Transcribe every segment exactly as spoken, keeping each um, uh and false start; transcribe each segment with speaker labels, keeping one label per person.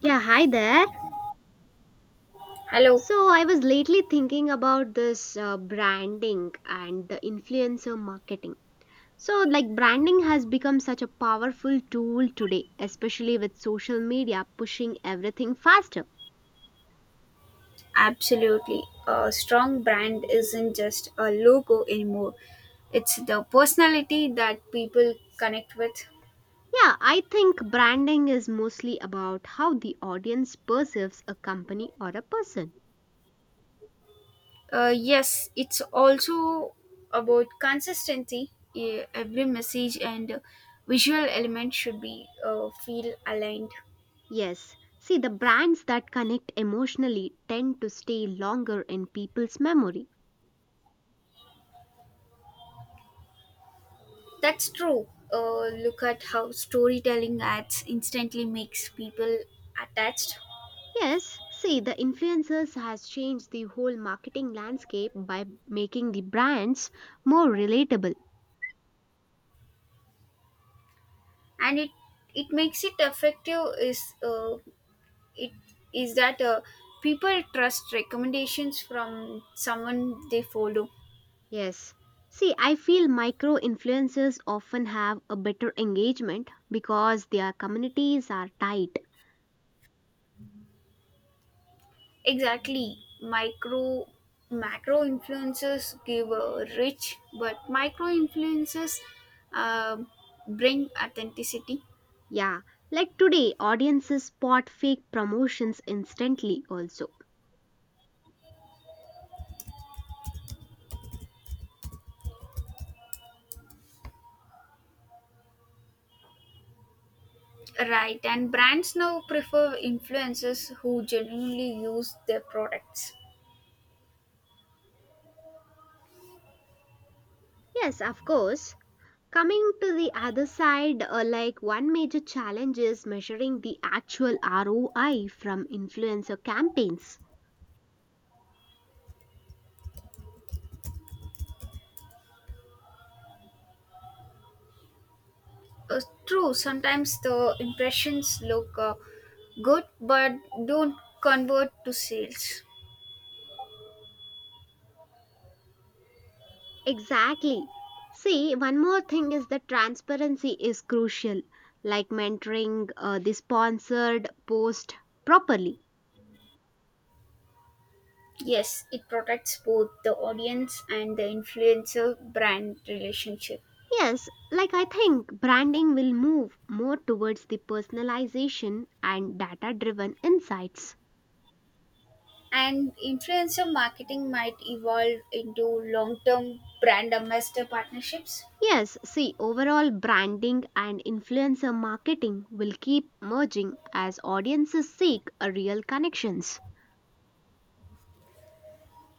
Speaker 1: Yeah, hi there.
Speaker 2: Hello,
Speaker 1: So, I was lately thinking about this uh, branding and the influencer marketing. So, like, branding has become such a powerful tool today, especially with social media pushing everything faster.
Speaker 2: absolutely. A strong brand isn't just a logo anymore, it's the personality that people connect with.
Speaker 1: Yeah, I think branding is mostly about how the audience perceives a company or a person.
Speaker 2: Uh, yes, it's also about consistency. Eh, Every message and visual element should be uh, feel aligned.
Speaker 1: Yes, see, the brands that connect emotionally tend to stay longer in people's memory.
Speaker 2: That's true. Uh, look at how storytelling ads instantly makes people attached,
Speaker 1: Yes, see, the influencers has changed the whole marketing landscape by making the brands more relatable.
Speaker 2: and it it makes it effective is uh, it is that uh, people trust recommendations from someone they follow.
Speaker 1: Yes. See, I feel micro influencers often have a better engagement because their communities are tight.
Speaker 2: Exactly, micro macro influencers give a rich but micro influencers, uh, bring authenticity.
Speaker 1: Yeah, like today, audiences spot fake promotions instantly, also.
Speaker 2: Right, and brands now prefer influencers who genuinely use their products.
Speaker 1: Yes, of course. Coming to the other side, uh, like one major challenge is measuring the actual R O I from influencer campaigns.
Speaker 2: uh, True, sometimes the impressions look uh, good but don't convert to sales.
Speaker 1: Exactly. See, one more thing is that transparency is crucial, like mentoring uh, the sponsored post properly.
Speaker 2: Yes, it protects both the audience and the influencer brand relationship.
Speaker 1: Yes, like I think branding will move more towards the personalization and data driven insights.
Speaker 2: And influencer marketing might evolve into long term brand ambassador partnerships.
Speaker 1: Yes, see, overall branding and influencer marketing will keep merging as audiences seek a real connections.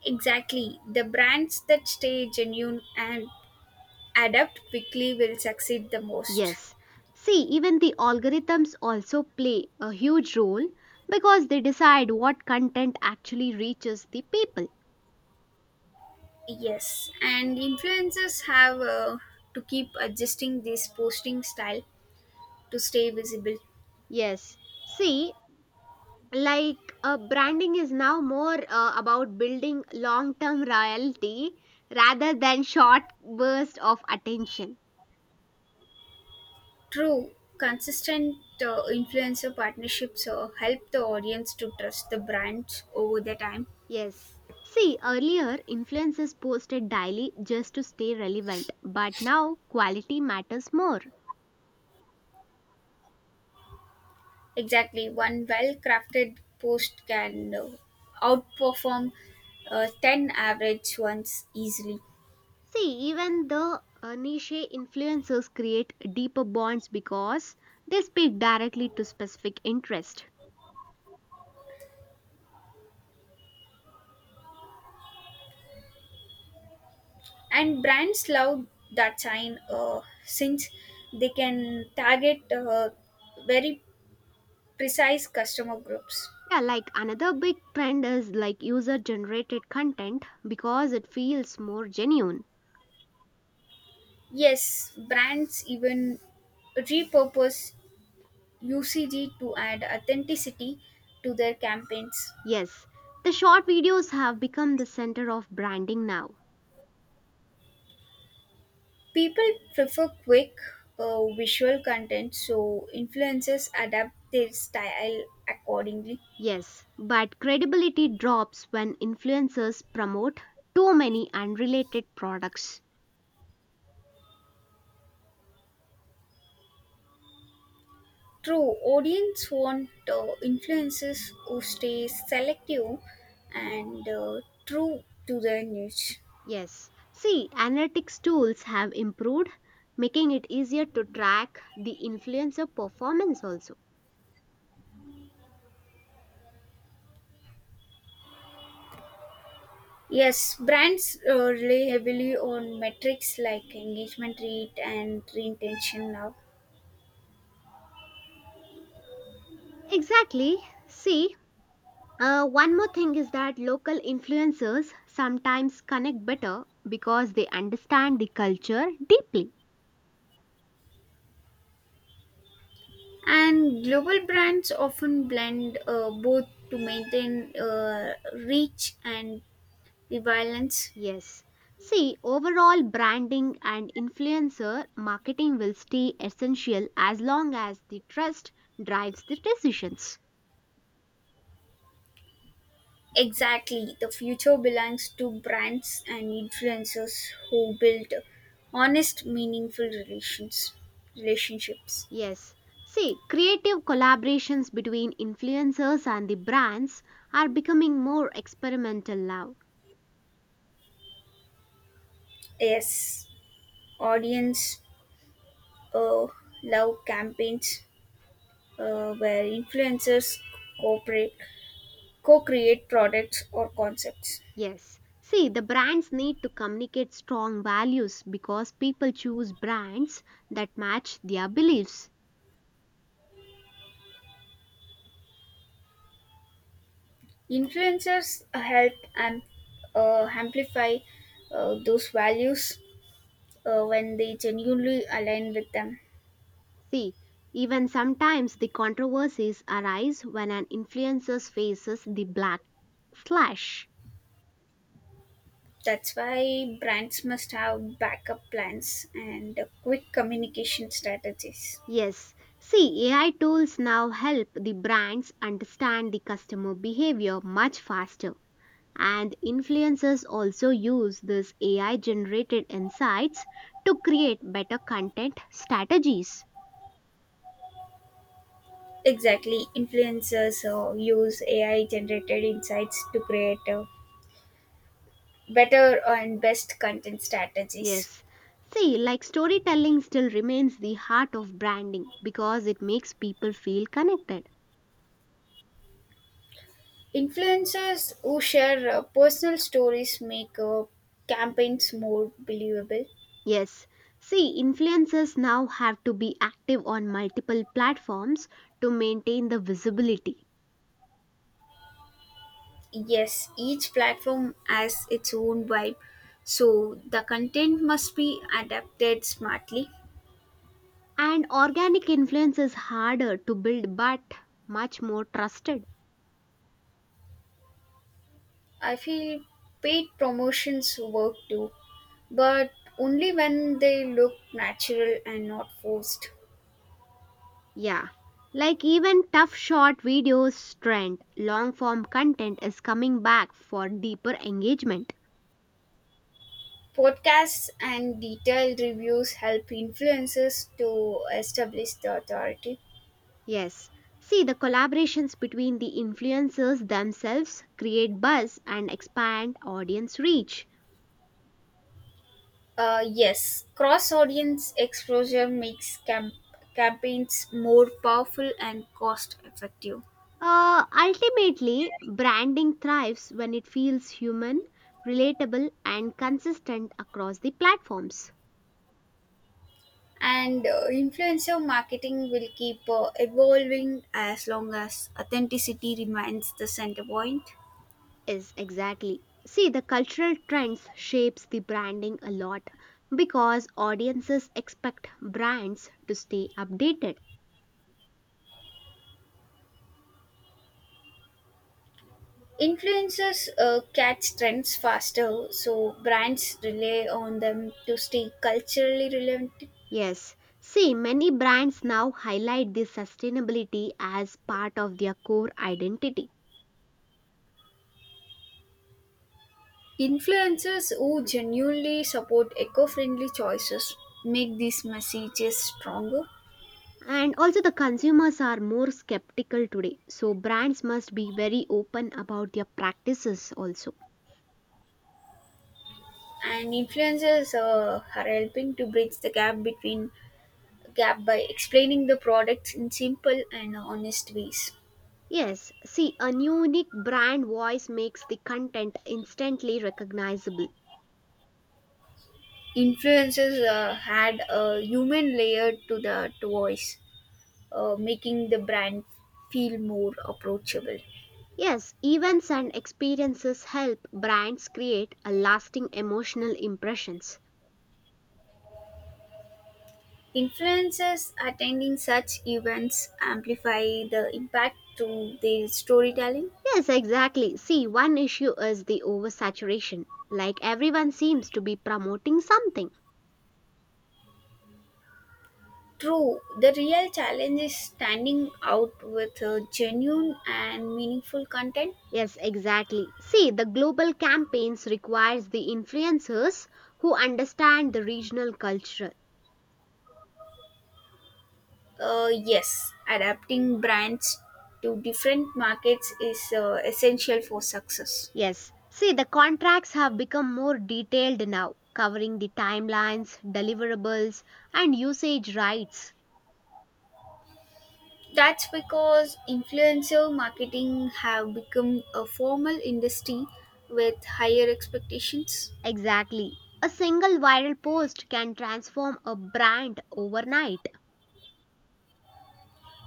Speaker 2: Exactly. The brands that stay genuine and adapt quickly will succeed the most.
Speaker 1: Yes. See, even the algorithms also play a huge role because they decide what content actually reaches the people.
Speaker 2: Yes, and influencers have uh, to keep adjusting this posting style to stay visible.
Speaker 1: Yes. See, like uh, branding is now more uh, about building long term loyalty rather than short bursts of attention.
Speaker 2: True, consistent uh, influencer partnerships uh, help the audience to trust the brands over the time.
Speaker 1: Yes. See, earlier influencers posted daily just to stay relevant, but now quality matters more.
Speaker 2: Exactly, one well crafted post can uh, outperform uh, ten average ones easily.
Speaker 1: See, even the uh, niche influencers create deeper bonds because they speak directly to specific interest.
Speaker 2: And brands love that sign uh, since they can target uh, very precise customer groups.
Speaker 1: Yeah, like another big trend is like user generated content because it feels more genuine.
Speaker 2: Yes, brands even repurpose U C G to add authenticity to their campaigns.
Speaker 1: Yes, the short videos have become the center of branding now.
Speaker 2: People prefer quick uh, visual content, so influencers adapt their style accordingly.
Speaker 1: Yes, but credibility drops when influencers promote too many unrelated products.
Speaker 2: True, audience want uh, influencers who stay selective and uh, true to their niche.
Speaker 1: Yes. See, analytics tools have improved, making it easier to track the influencer performance also.
Speaker 2: Yes, brands uh, rely heavily on metrics like engagement rate and retention now.
Speaker 1: Exactly. See, uh, one more thing is that local influencers sometimes connect better because they understand the culture deeply.
Speaker 2: And global brands often blend uh, both to maintain uh, reach and relevance.
Speaker 1: Yes. See, overall branding and influencer marketing will stay essential as long as the trust drives the decisions.
Speaker 2: Exactly, the future belongs to brands and influencers who build honest, meaningful relations, relationships.
Speaker 1: Yes. See, creative collaborations between influencers and the brands are becoming more experimental now.
Speaker 2: Yes, audience uh, love campaigns uh, where influencers cooperate, co-create products or concepts.
Speaker 1: Yes. See, the brands need to communicate strong values because people choose brands that match their beliefs.
Speaker 2: Influencers help am- uh, amplify uh, those values uh, when they genuinely align with them.
Speaker 1: See, even sometimes the controversies arise when an influencer faces the black slash.
Speaker 2: That's why brands must have backup plans and quick communication strategies.
Speaker 1: Yes, see, A I tools now help the brands understand the customer behavior much faster. And influencers also use these A I generated insights to create better content strategies.
Speaker 2: Exactly, influencers uh, use A I generated insights to create uh, better and best content strategies.
Speaker 1: Yes. See, like storytelling still remains the heart of branding because it makes people feel connected.
Speaker 2: Influencers who share uh, personal stories make uh, campaigns more believable.
Speaker 1: Yes. See, influencers now have to be active on multiple platforms to maintain the visibility.
Speaker 2: Yes, each platform has its own vibe, so the content must be adapted smartly.
Speaker 1: And organic influence is harder to build but much more trusted.
Speaker 2: I feel paid promotions work too, but only when they look natural and not forced.
Speaker 1: Yeah, like even tough short videos trend, long form content is coming back for deeper engagement.
Speaker 2: Podcasts and detailed reviews help influencers to establish the authority.
Speaker 1: Yes, see the collaborations between the influencers themselves create buzz and expand audience reach.
Speaker 2: Uh, yes, cross audience exposure makes camp- campaigns more powerful and cost effective.
Speaker 1: Uh, ultimately, branding thrives when it feels human, relatable, and consistent across the platforms.
Speaker 2: And uh, influencer marketing will keep uh, evolving as long as authenticity remains the center point.
Speaker 1: Is exactly. See, the cultural trends shapes the branding a lot because audiences expect brands to stay updated.
Speaker 2: Influencers uh, catch trends faster, so brands rely on them to stay culturally relevant.
Speaker 1: Yes, see, many brands now highlight the sustainability as part of their core identity.
Speaker 2: Influencers who genuinely support eco friendly choices make these messages stronger.
Speaker 1: And also, the consumers are more skeptical today, so brands must be very open about their practices also.
Speaker 2: And influencers uh, are helping to bridge the gap between gap by explaining the products in simple and honest ways.
Speaker 1: Yes, see, a unique brand voice makes the content instantly recognizable.
Speaker 2: influences uh, had a human layer to the voice, uh, making the brand feel more approachable.
Speaker 1: Yes, events and experiences help brands create a lasting emotional impressions.
Speaker 2: Influencers attending such events amplify the impact through their storytelling.
Speaker 1: Yes, exactly. See, one issue is the oversaturation. Like everyone seems to be promoting something.
Speaker 2: True, the real challenge is standing out with uh, genuine and meaningful content.
Speaker 1: Yes, exactly. See, the global campaigns requires the influencers who understand the regional culture.
Speaker 2: Uh, yes, adapting brands to different markets is uh, essential for success.
Speaker 1: Yes. See, the contracts have become more detailed now, covering the timelines, deliverables, and usage rights.
Speaker 2: That's because influencer marketing have become a formal industry with higher expectations.
Speaker 1: Exactly. A single viral post can transform a brand overnight.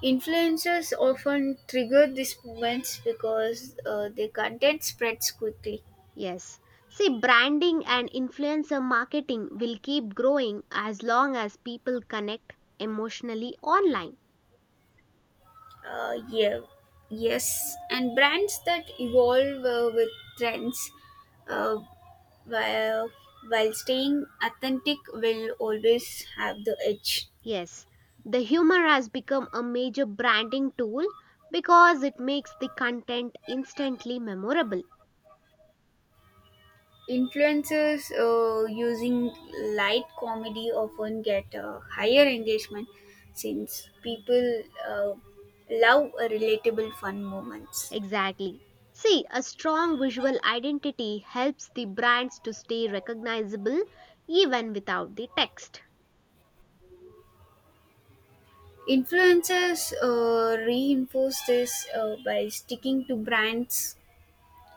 Speaker 2: Influencers often trigger these movements because uh, their content spreads quickly.
Speaker 1: Yes. See, branding and influencer marketing will keep growing as long as people connect emotionally online.
Speaker 2: Uh, yeah, yes, and brands that evolve uh, with trends uh, while while staying authentic will always have the edge.
Speaker 1: Yes. The humor has become a major branding tool because it makes the content instantly memorable.
Speaker 2: Influencers uh, using light comedy often get uh, higher engagement since people uh, love uh, relatable fun moments.
Speaker 1: Exactly. See, a strong visual identity helps the brands to stay recognizable even without the text.
Speaker 2: Influencers uh, reinforce this uh, by sticking to brands,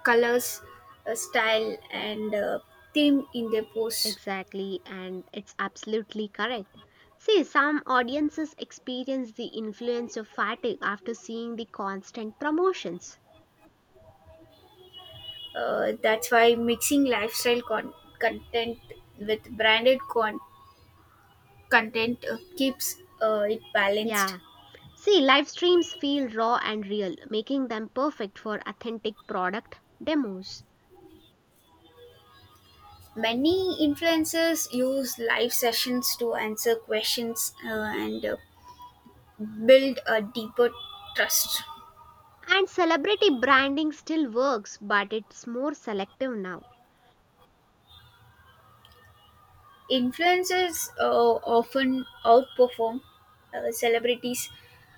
Speaker 2: colors, uh, style, and uh, theme in their posts.
Speaker 1: Exactly, and it's absolutely correct. See, some audiences experience the influence of fatigue after seeing the constant promotions.
Speaker 2: Uh, that's why mixing lifestyle con- content with branded con- content uh, keeps uh, it balanced.
Speaker 1: Yeah. See, live streams feel raw and real, making them perfect for authentic product demos.
Speaker 2: Many influencers use live sessions to answer questions uh, and uh, build a deeper trust.
Speaker 1: And celebrity branding still works, but it's more selective now.
Speaker 2: Influencers uh, often outperform uh, celebrities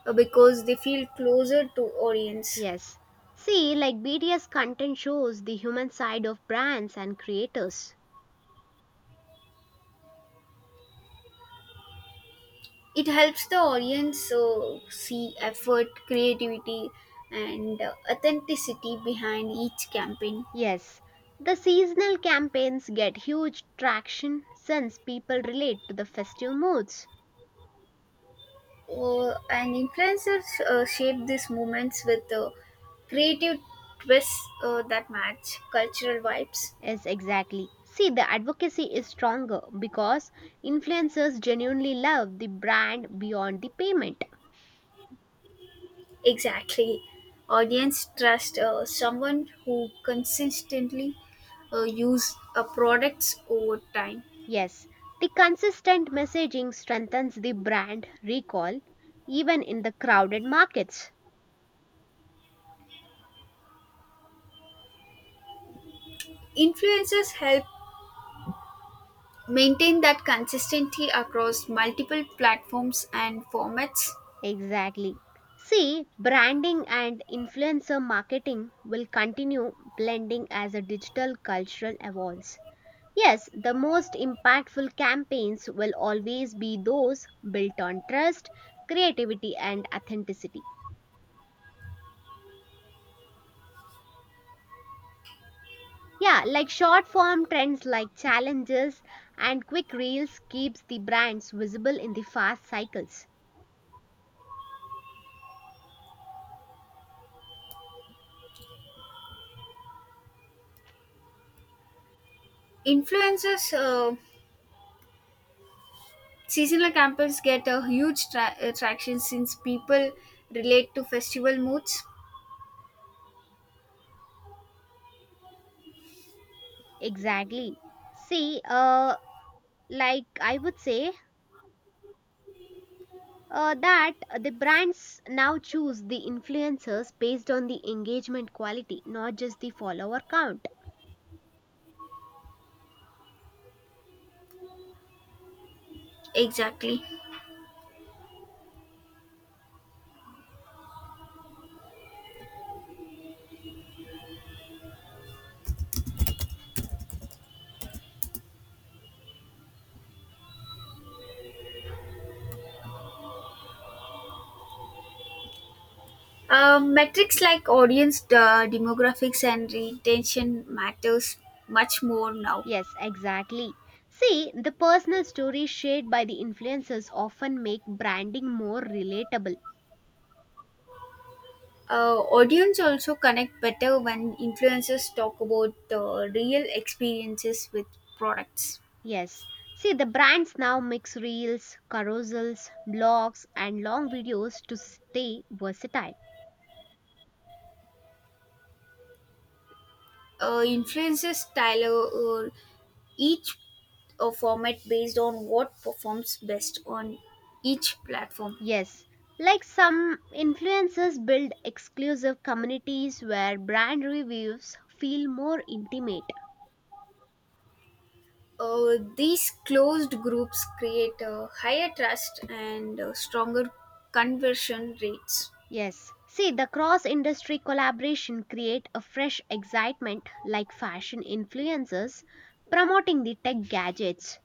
Speaker 2: uh, because they feel closer to audience.
Speaker 1: Yes. See, like B T S content shows the human side of brands and creators.
Speaker 2: It helps the audience uh, see effort, creativity, and uh, authenticity behind each campaign.
Speaker 1: Yes, the seasonal campaigns get huge traction since people relate to the festive moods.
Speaker 2: Uh, and influencers uh, shape these movements with uh, creative twists uh, that match cultural vibes.
Speaker 1: Yes, exactly. See, the advocacy is stronger because influencers genuinely love the brand beyond the payment.
Speaker 2: Exactly. Audience trust uh, someone who consistently uh, use uh, products over time.
Speaker 1: Yes, the consistent messaging strengthens the brand recall even in the crowded markets.
Speaker 2: Influencers help maintain that consistency across multiple platforms and formats.
Speaker 1: Exactly. See, branding and influencer marketing will continue blending as a digital cultural evolves. Yes, the most impactful campaigns will always be those built on trust, creativity, and authenticity. Yeah, like short form trends like challenges and quick reels keeps the brands visible in the fast cycles.
Speaker 2: Influencers uh, seasonal campers get a huge tra- attraction since people relate to festival moods.
Speaker 1: Exactly. See, uh, like I would say uh, that the brands now choose the influencers based on the engagement quality, not just the follower count.
Speaker 2: Exactly. Uh, metrics like audience uh, demographics and retention matters much more now.
Speaker 1: Yes, exactly. See, the personal stories shared by the influencers often make branding more relatable.
Speaker 2: Uh, audience also connect better when influencers talk about the real experiences with products.
Speaker 1: Yes. See, the brands now mix reels, carousels, blogs, and long videos to stay versatile.
Speaker 2: Uh, influencers tailor uh, each uh, format based on what performs best on each platform.
Speaker 1: Yes. Like some influencers build exclusive communities where brand reviews feel more intimate.
Speaker 2: Uh, these closed groups create a higher trust and uh, stronger conversion rates.
Speaker 1: Yes. See, the cross industry collaboration create a fresh excitement like fashion influencers promoting the tech gadgets.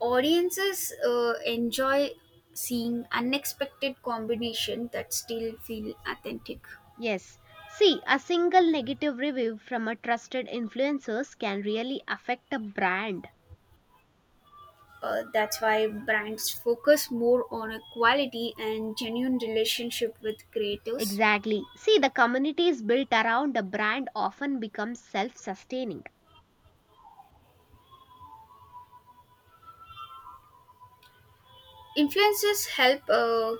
Speaker 2: Audiences uh, enjoy seeing unexpected combination that still feel authentic.
Speaker 1: Yes. See, a single negative review from a trusted influencers can really affect a brand.
Speaker 2: Uh, that's why brands focus more on a quality and genuine relationship with creators.
Speaker 1: Exactly. See, the communities built around a brand often become self-sustaining.
Speaker 2: influences help uh,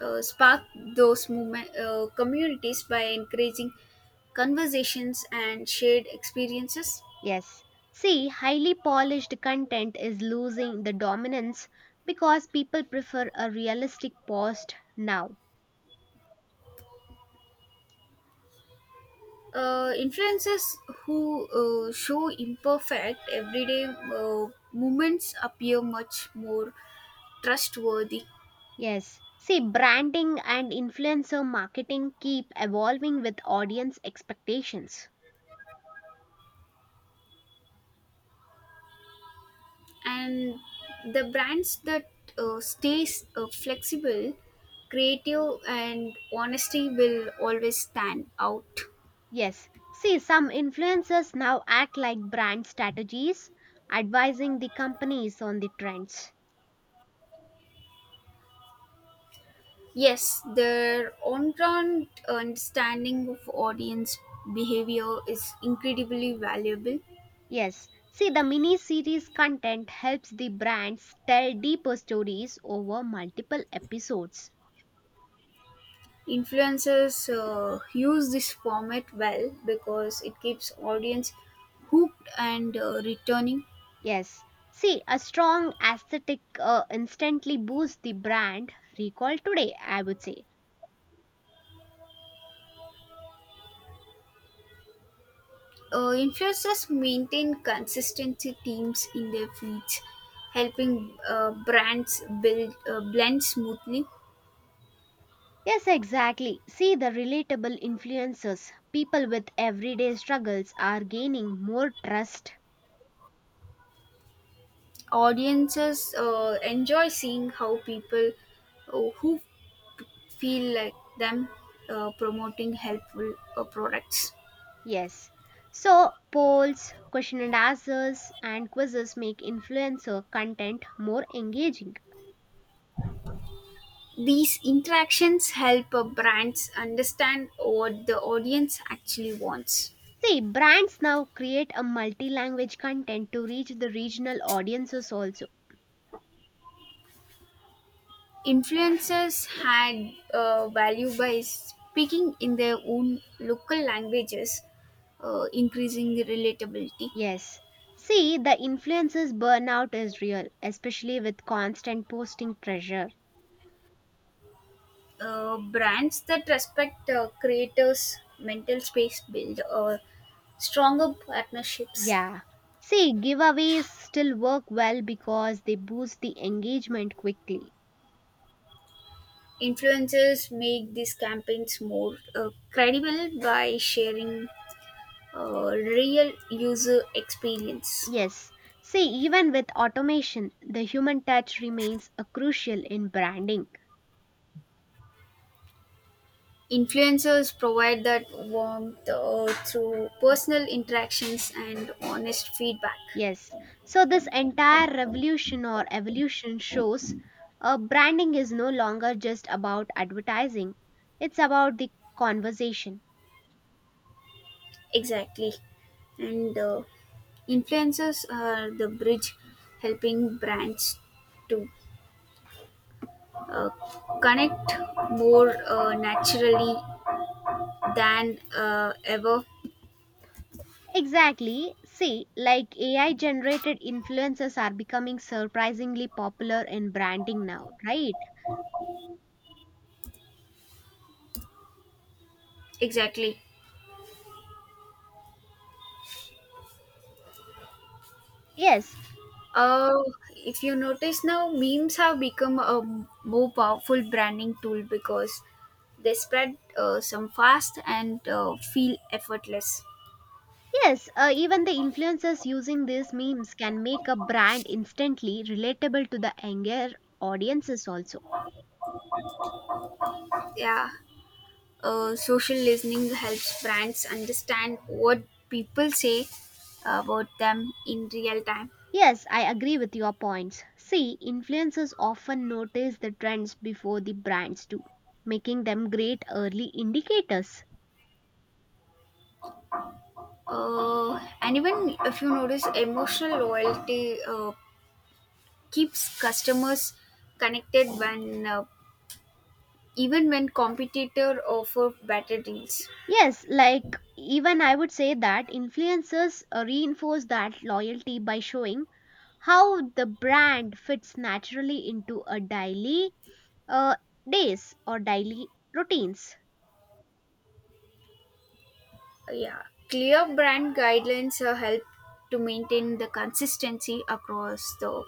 Speaker 2: uh, spark those movement uh, communities by encouraging conversations and shared experiences.
Speaker 1: Yes. See, highly polished content is losing the dominance because people prefer a realistic post now.
Speaker 2: Uh, influences who uh, show imperfect everyday uh, movements appear much more trustworthy.
Speaker 1: Yes. See, branding and influencer marketing keep evolving with audience expectations.
Speaker 2: And the brands that uh, stays uh, flexible, creative and honesty will always stand out.
Speaker 1: Yes. See, some influencers now act like brand strategies, advising the companies on the trends.
Speaker 2: Yes, their on-ground understanding of audience behavior is incredibly valuable.
Speaker 1: Yes. See, the mini series content helps the brands tell deeper stories over multiple episodes.
Speaker 2: Influencers uh, use this format well because it keeps audience hooked and uh, returning.
Speaker 1: Yes. See, a strong aesthetic uh, instantly boosts the brand recall today, I would say.
Speaker 2: Uh, influencers maintain consistency themes in their feeds, helping uh, brands build uh, blend smoothly.
Speaker 1: Yes, exactly. See the relatable influencers. People with everyday struggles are gaining more trust.
Speaker 2: Audiences uh, enjoy seeing how people uh, who feel like them uh, promoting helpful uh, products.
Speaker 1: Yes. So, polls, question and answers, and quizzes make influencer content more engaging.
Speaker 2: These interactions help uh, brands understand what the audience actually wants.
Speaker 1: See, brands now create a multi language content to reach the regional audiences also.
Speaker 2: Influencers had uh, value by speaking in their own local languages, uh, increasing the relatability.
Speaker 1: Yes. See, the influencers' burnout is real, especially with constant posting pressure.
Speaker 2: Uh, brands that respect uh, creators' mental space build uh, stronger partnerships.
Speaker 1: Yeah. See, giveaways still work well because they boost the engagement quickly.
Speaker 2: Influencers make these campaigns more uh, credible by sharing uh, real user experience.
Speaker 1: Yes. See, even with automation, the human touch remains a crucial in branding.
Speaker 2: Influencers provide that warmth uh, through personal interactions and honest feedback.
Speaker 1: Yes. So this entire revolution or evolution shows uh, branding is no longer just about advertising. It's about the conversation.
Speaker 2: Exactly. And uh, influencers are the bridge helping brands to uh, connect more uh, naturally than uh, ever.
Speaker 1: Exactly. See, like A I generated influencers are becoming surprisingly popular in branding now, right?
Speaker 2: Exactly.
Speaker 1: Yes,
Speaker 2: Uh, if you notice now, memes have become a more powerful branding tool because they spread uh, some fast and uh, feel effortless.
Speaker 1: yes, uh, even the influencers using these memes can make a brand instantly relatable to the younger audiences also.
Speaker 2: Yeah, uh, social listening helps brands understand what people say about them in real time.
Speaker 1: Yes, I agree with your points. See, influencers often notice the trends before the brands do, making them great early indicators.
Speaker 2: Uh, and even if you notice, emotional loyalty uh, keeps customers connected when uh, even when competitor offer better deals.
Speaker 1: Yes, like even I would say that influencers uh, reinforce that loyalty by showing how the brand fits naturally into a daily uh, days or daily routines.
Speaker 2: Yeah, clear brand guidelines uh, help to maintain the consistency across the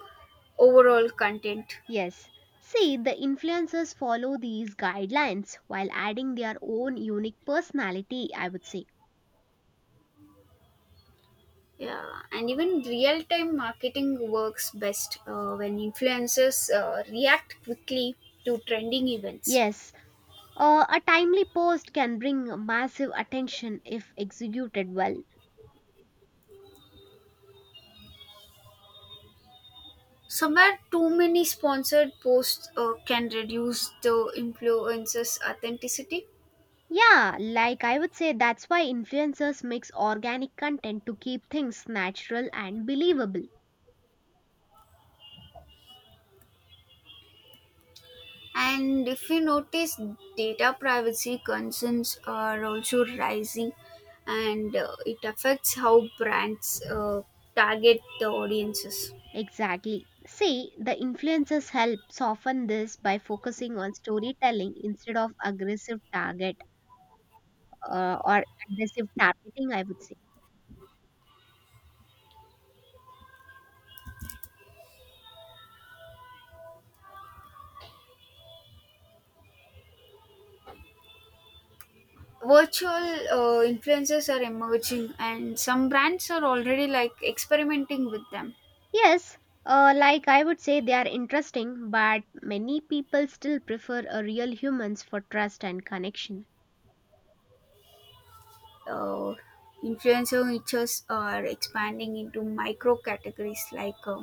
Speaker 2: overall content.
Speaker 1: Yes. See, the influencers follow these guidelines while adding their own unique personality, I would say.
Speaker 2: Yeah, and even real time marketing works best uh, when influencers uh, react quickly to trending events.
Speaker 1: Yes, uh, a timely post can bring massive attention if executed well.
Speaker 2: Somewhere, too many sponsored posts uh, can reduce the influencer's authenticity.
Speaker 1: Yeah, like I would say that's why influencers mix organic content to keep things natural and believable.
Speaker 2: And if you notice, data privacy concerns are also rising, and uh, it affects how brands uh, target the audiences.
Speaker 1: Exactly. See, the influencers help soften this by focusing on storytelling instead of aggressive target uh, or aggressive targeting, I would say.
Speaker 2: Virtual uh, influencers are emerging, and some brands are already like experimenting with them.
Speaker 1: Yes, uh, like I would say they are interesting, but many people still prefer a real humans for trust and connection.
Speaker 2: Uh, Influencer niches are expanding into micro categories like uh,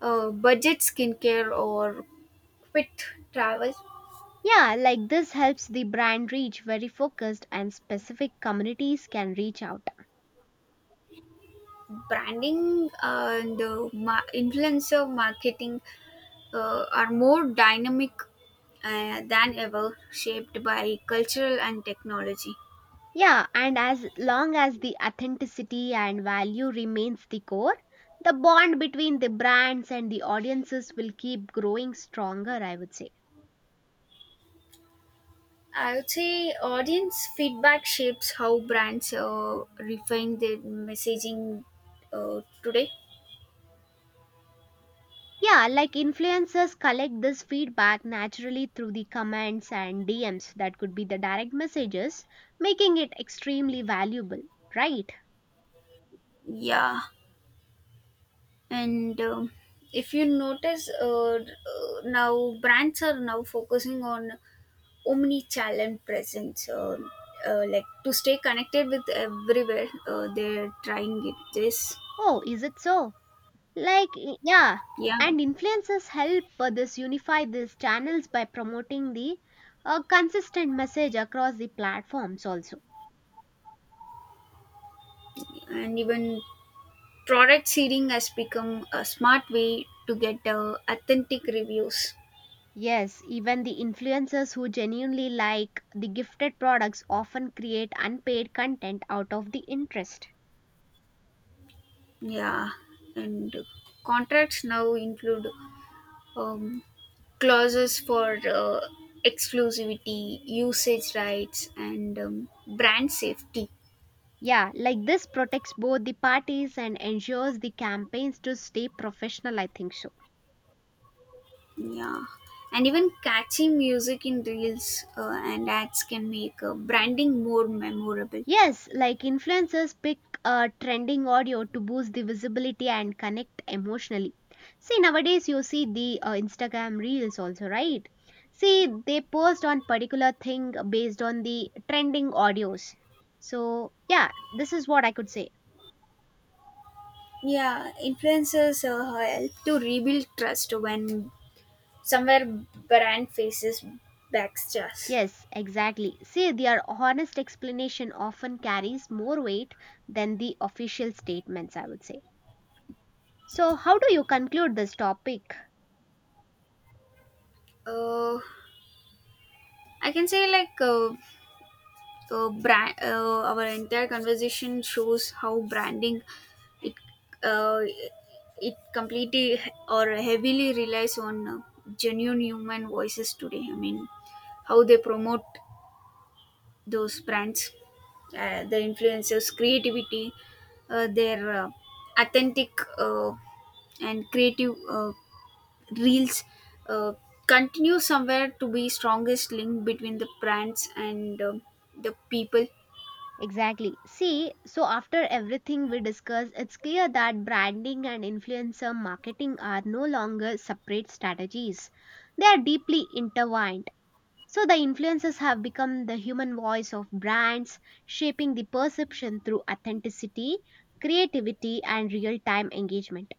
Speaker 2: uh, budget skincare or quick travel
Speaker 1: Yeah, like this helps the brand reach very focused and specific communities can reach out.
Speaker 2: branding uh, and uh, ma- influencer marketing uh, are more dynamic uh, than ever, shaped by cultural and technology.
Speaker 1: Yeah, and as long as the authenticity and value remains the core, the bond between the brands and the audiences will keep growing stronger, I would say.
Speaker 2: I would say audience feedback shapes how brands uh, refine their messaging uh, today.
Speaker 1: Yeah, like influencers collect this feedback naturally through the comments and D Ms that could be the direct messages, making it extremely valuable, right?
Speaker 2: Yeah, and um if you notice, uh, uh, now brands are now focusing on omni-channel presence, uh, uh, like to stay connected with everywhere. Uh, they're trying it. This,
Speaker 1: Oh, is it so? Like, y- yeah,
Speaker 2: yeah,
Speaker 1: and influencers help uh, this unify these channels by promoting the uh, consistent message across the platforms also.
Speaker 2: and even product seeding has become a smart way to get uh, authentic reviews.
Speaker 1: Yes, even the influencers who genuinely like the gifted products often create unpaid content out of the interest.
Speaker 2: Yeah, and contracts now include um, clauses for uh, exclusivity, usage rights, and um, brand safety.
Speaker 1: Yeah, like this protects both the parties and ensures the campaigns to stay professional, I think so.
Speaker 2: Yeah, and even catchy music in reels uh, and ads can make uh, branding more memorable.
Speaker 1: Yes, like influencers pick uh, trending audio to boost the visibility and connect emotionally. See, nowadays you see the uh, Instagram reels also, right? See, they post on particular thing based on the trending audios. So, yeah, this is what I could say.
Speaker 2: Yeah, influencers uh, help to rebuild trust when somewhere brand faces backstairs.
Speaker 1: Yes, exactly. See, their honest explanation often carries more weight than the official statements, I would say. So, how do you conclude this topic?
Speaker 2: Uh, I can say like uh, uh, brand, uh, our entire conversation shows how branding it uh, it completely or heavily relies on uh, genuine human voices today. I mean, how they promote those brands uh, the influencers creativity uh, their uh, authentic uh, and creative uh, reels uh, continue somewhere to be strongest link between the brands and um the people.
Speaker 1: Exactly. See, so after everything we discuss, it's clear that branding and influencer marketing are no longer separate strategies. They are deeply intertwined. So the influencers have become the human voice of brands, shaping the perception through authenticity, creativity, and real time engagement.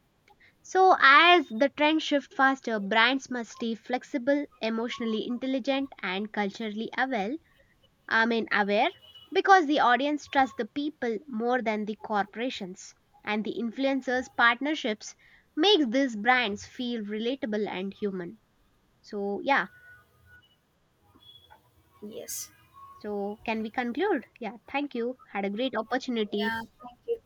Speaker 1: So, as the trends shift faster, brands must stay flexible, emotionally intelligent, and culturally aware I mean, aware because the audience trusts the people more than the corporations, and the influencers' partnerships makes these brands feel relatable and human. So, yeah.
Speaker 2: Yes.
Speaker 1: So, can we conclude? Yeah, thank you. Had a great opportunity.
Speaker 2: Yeah, thank you.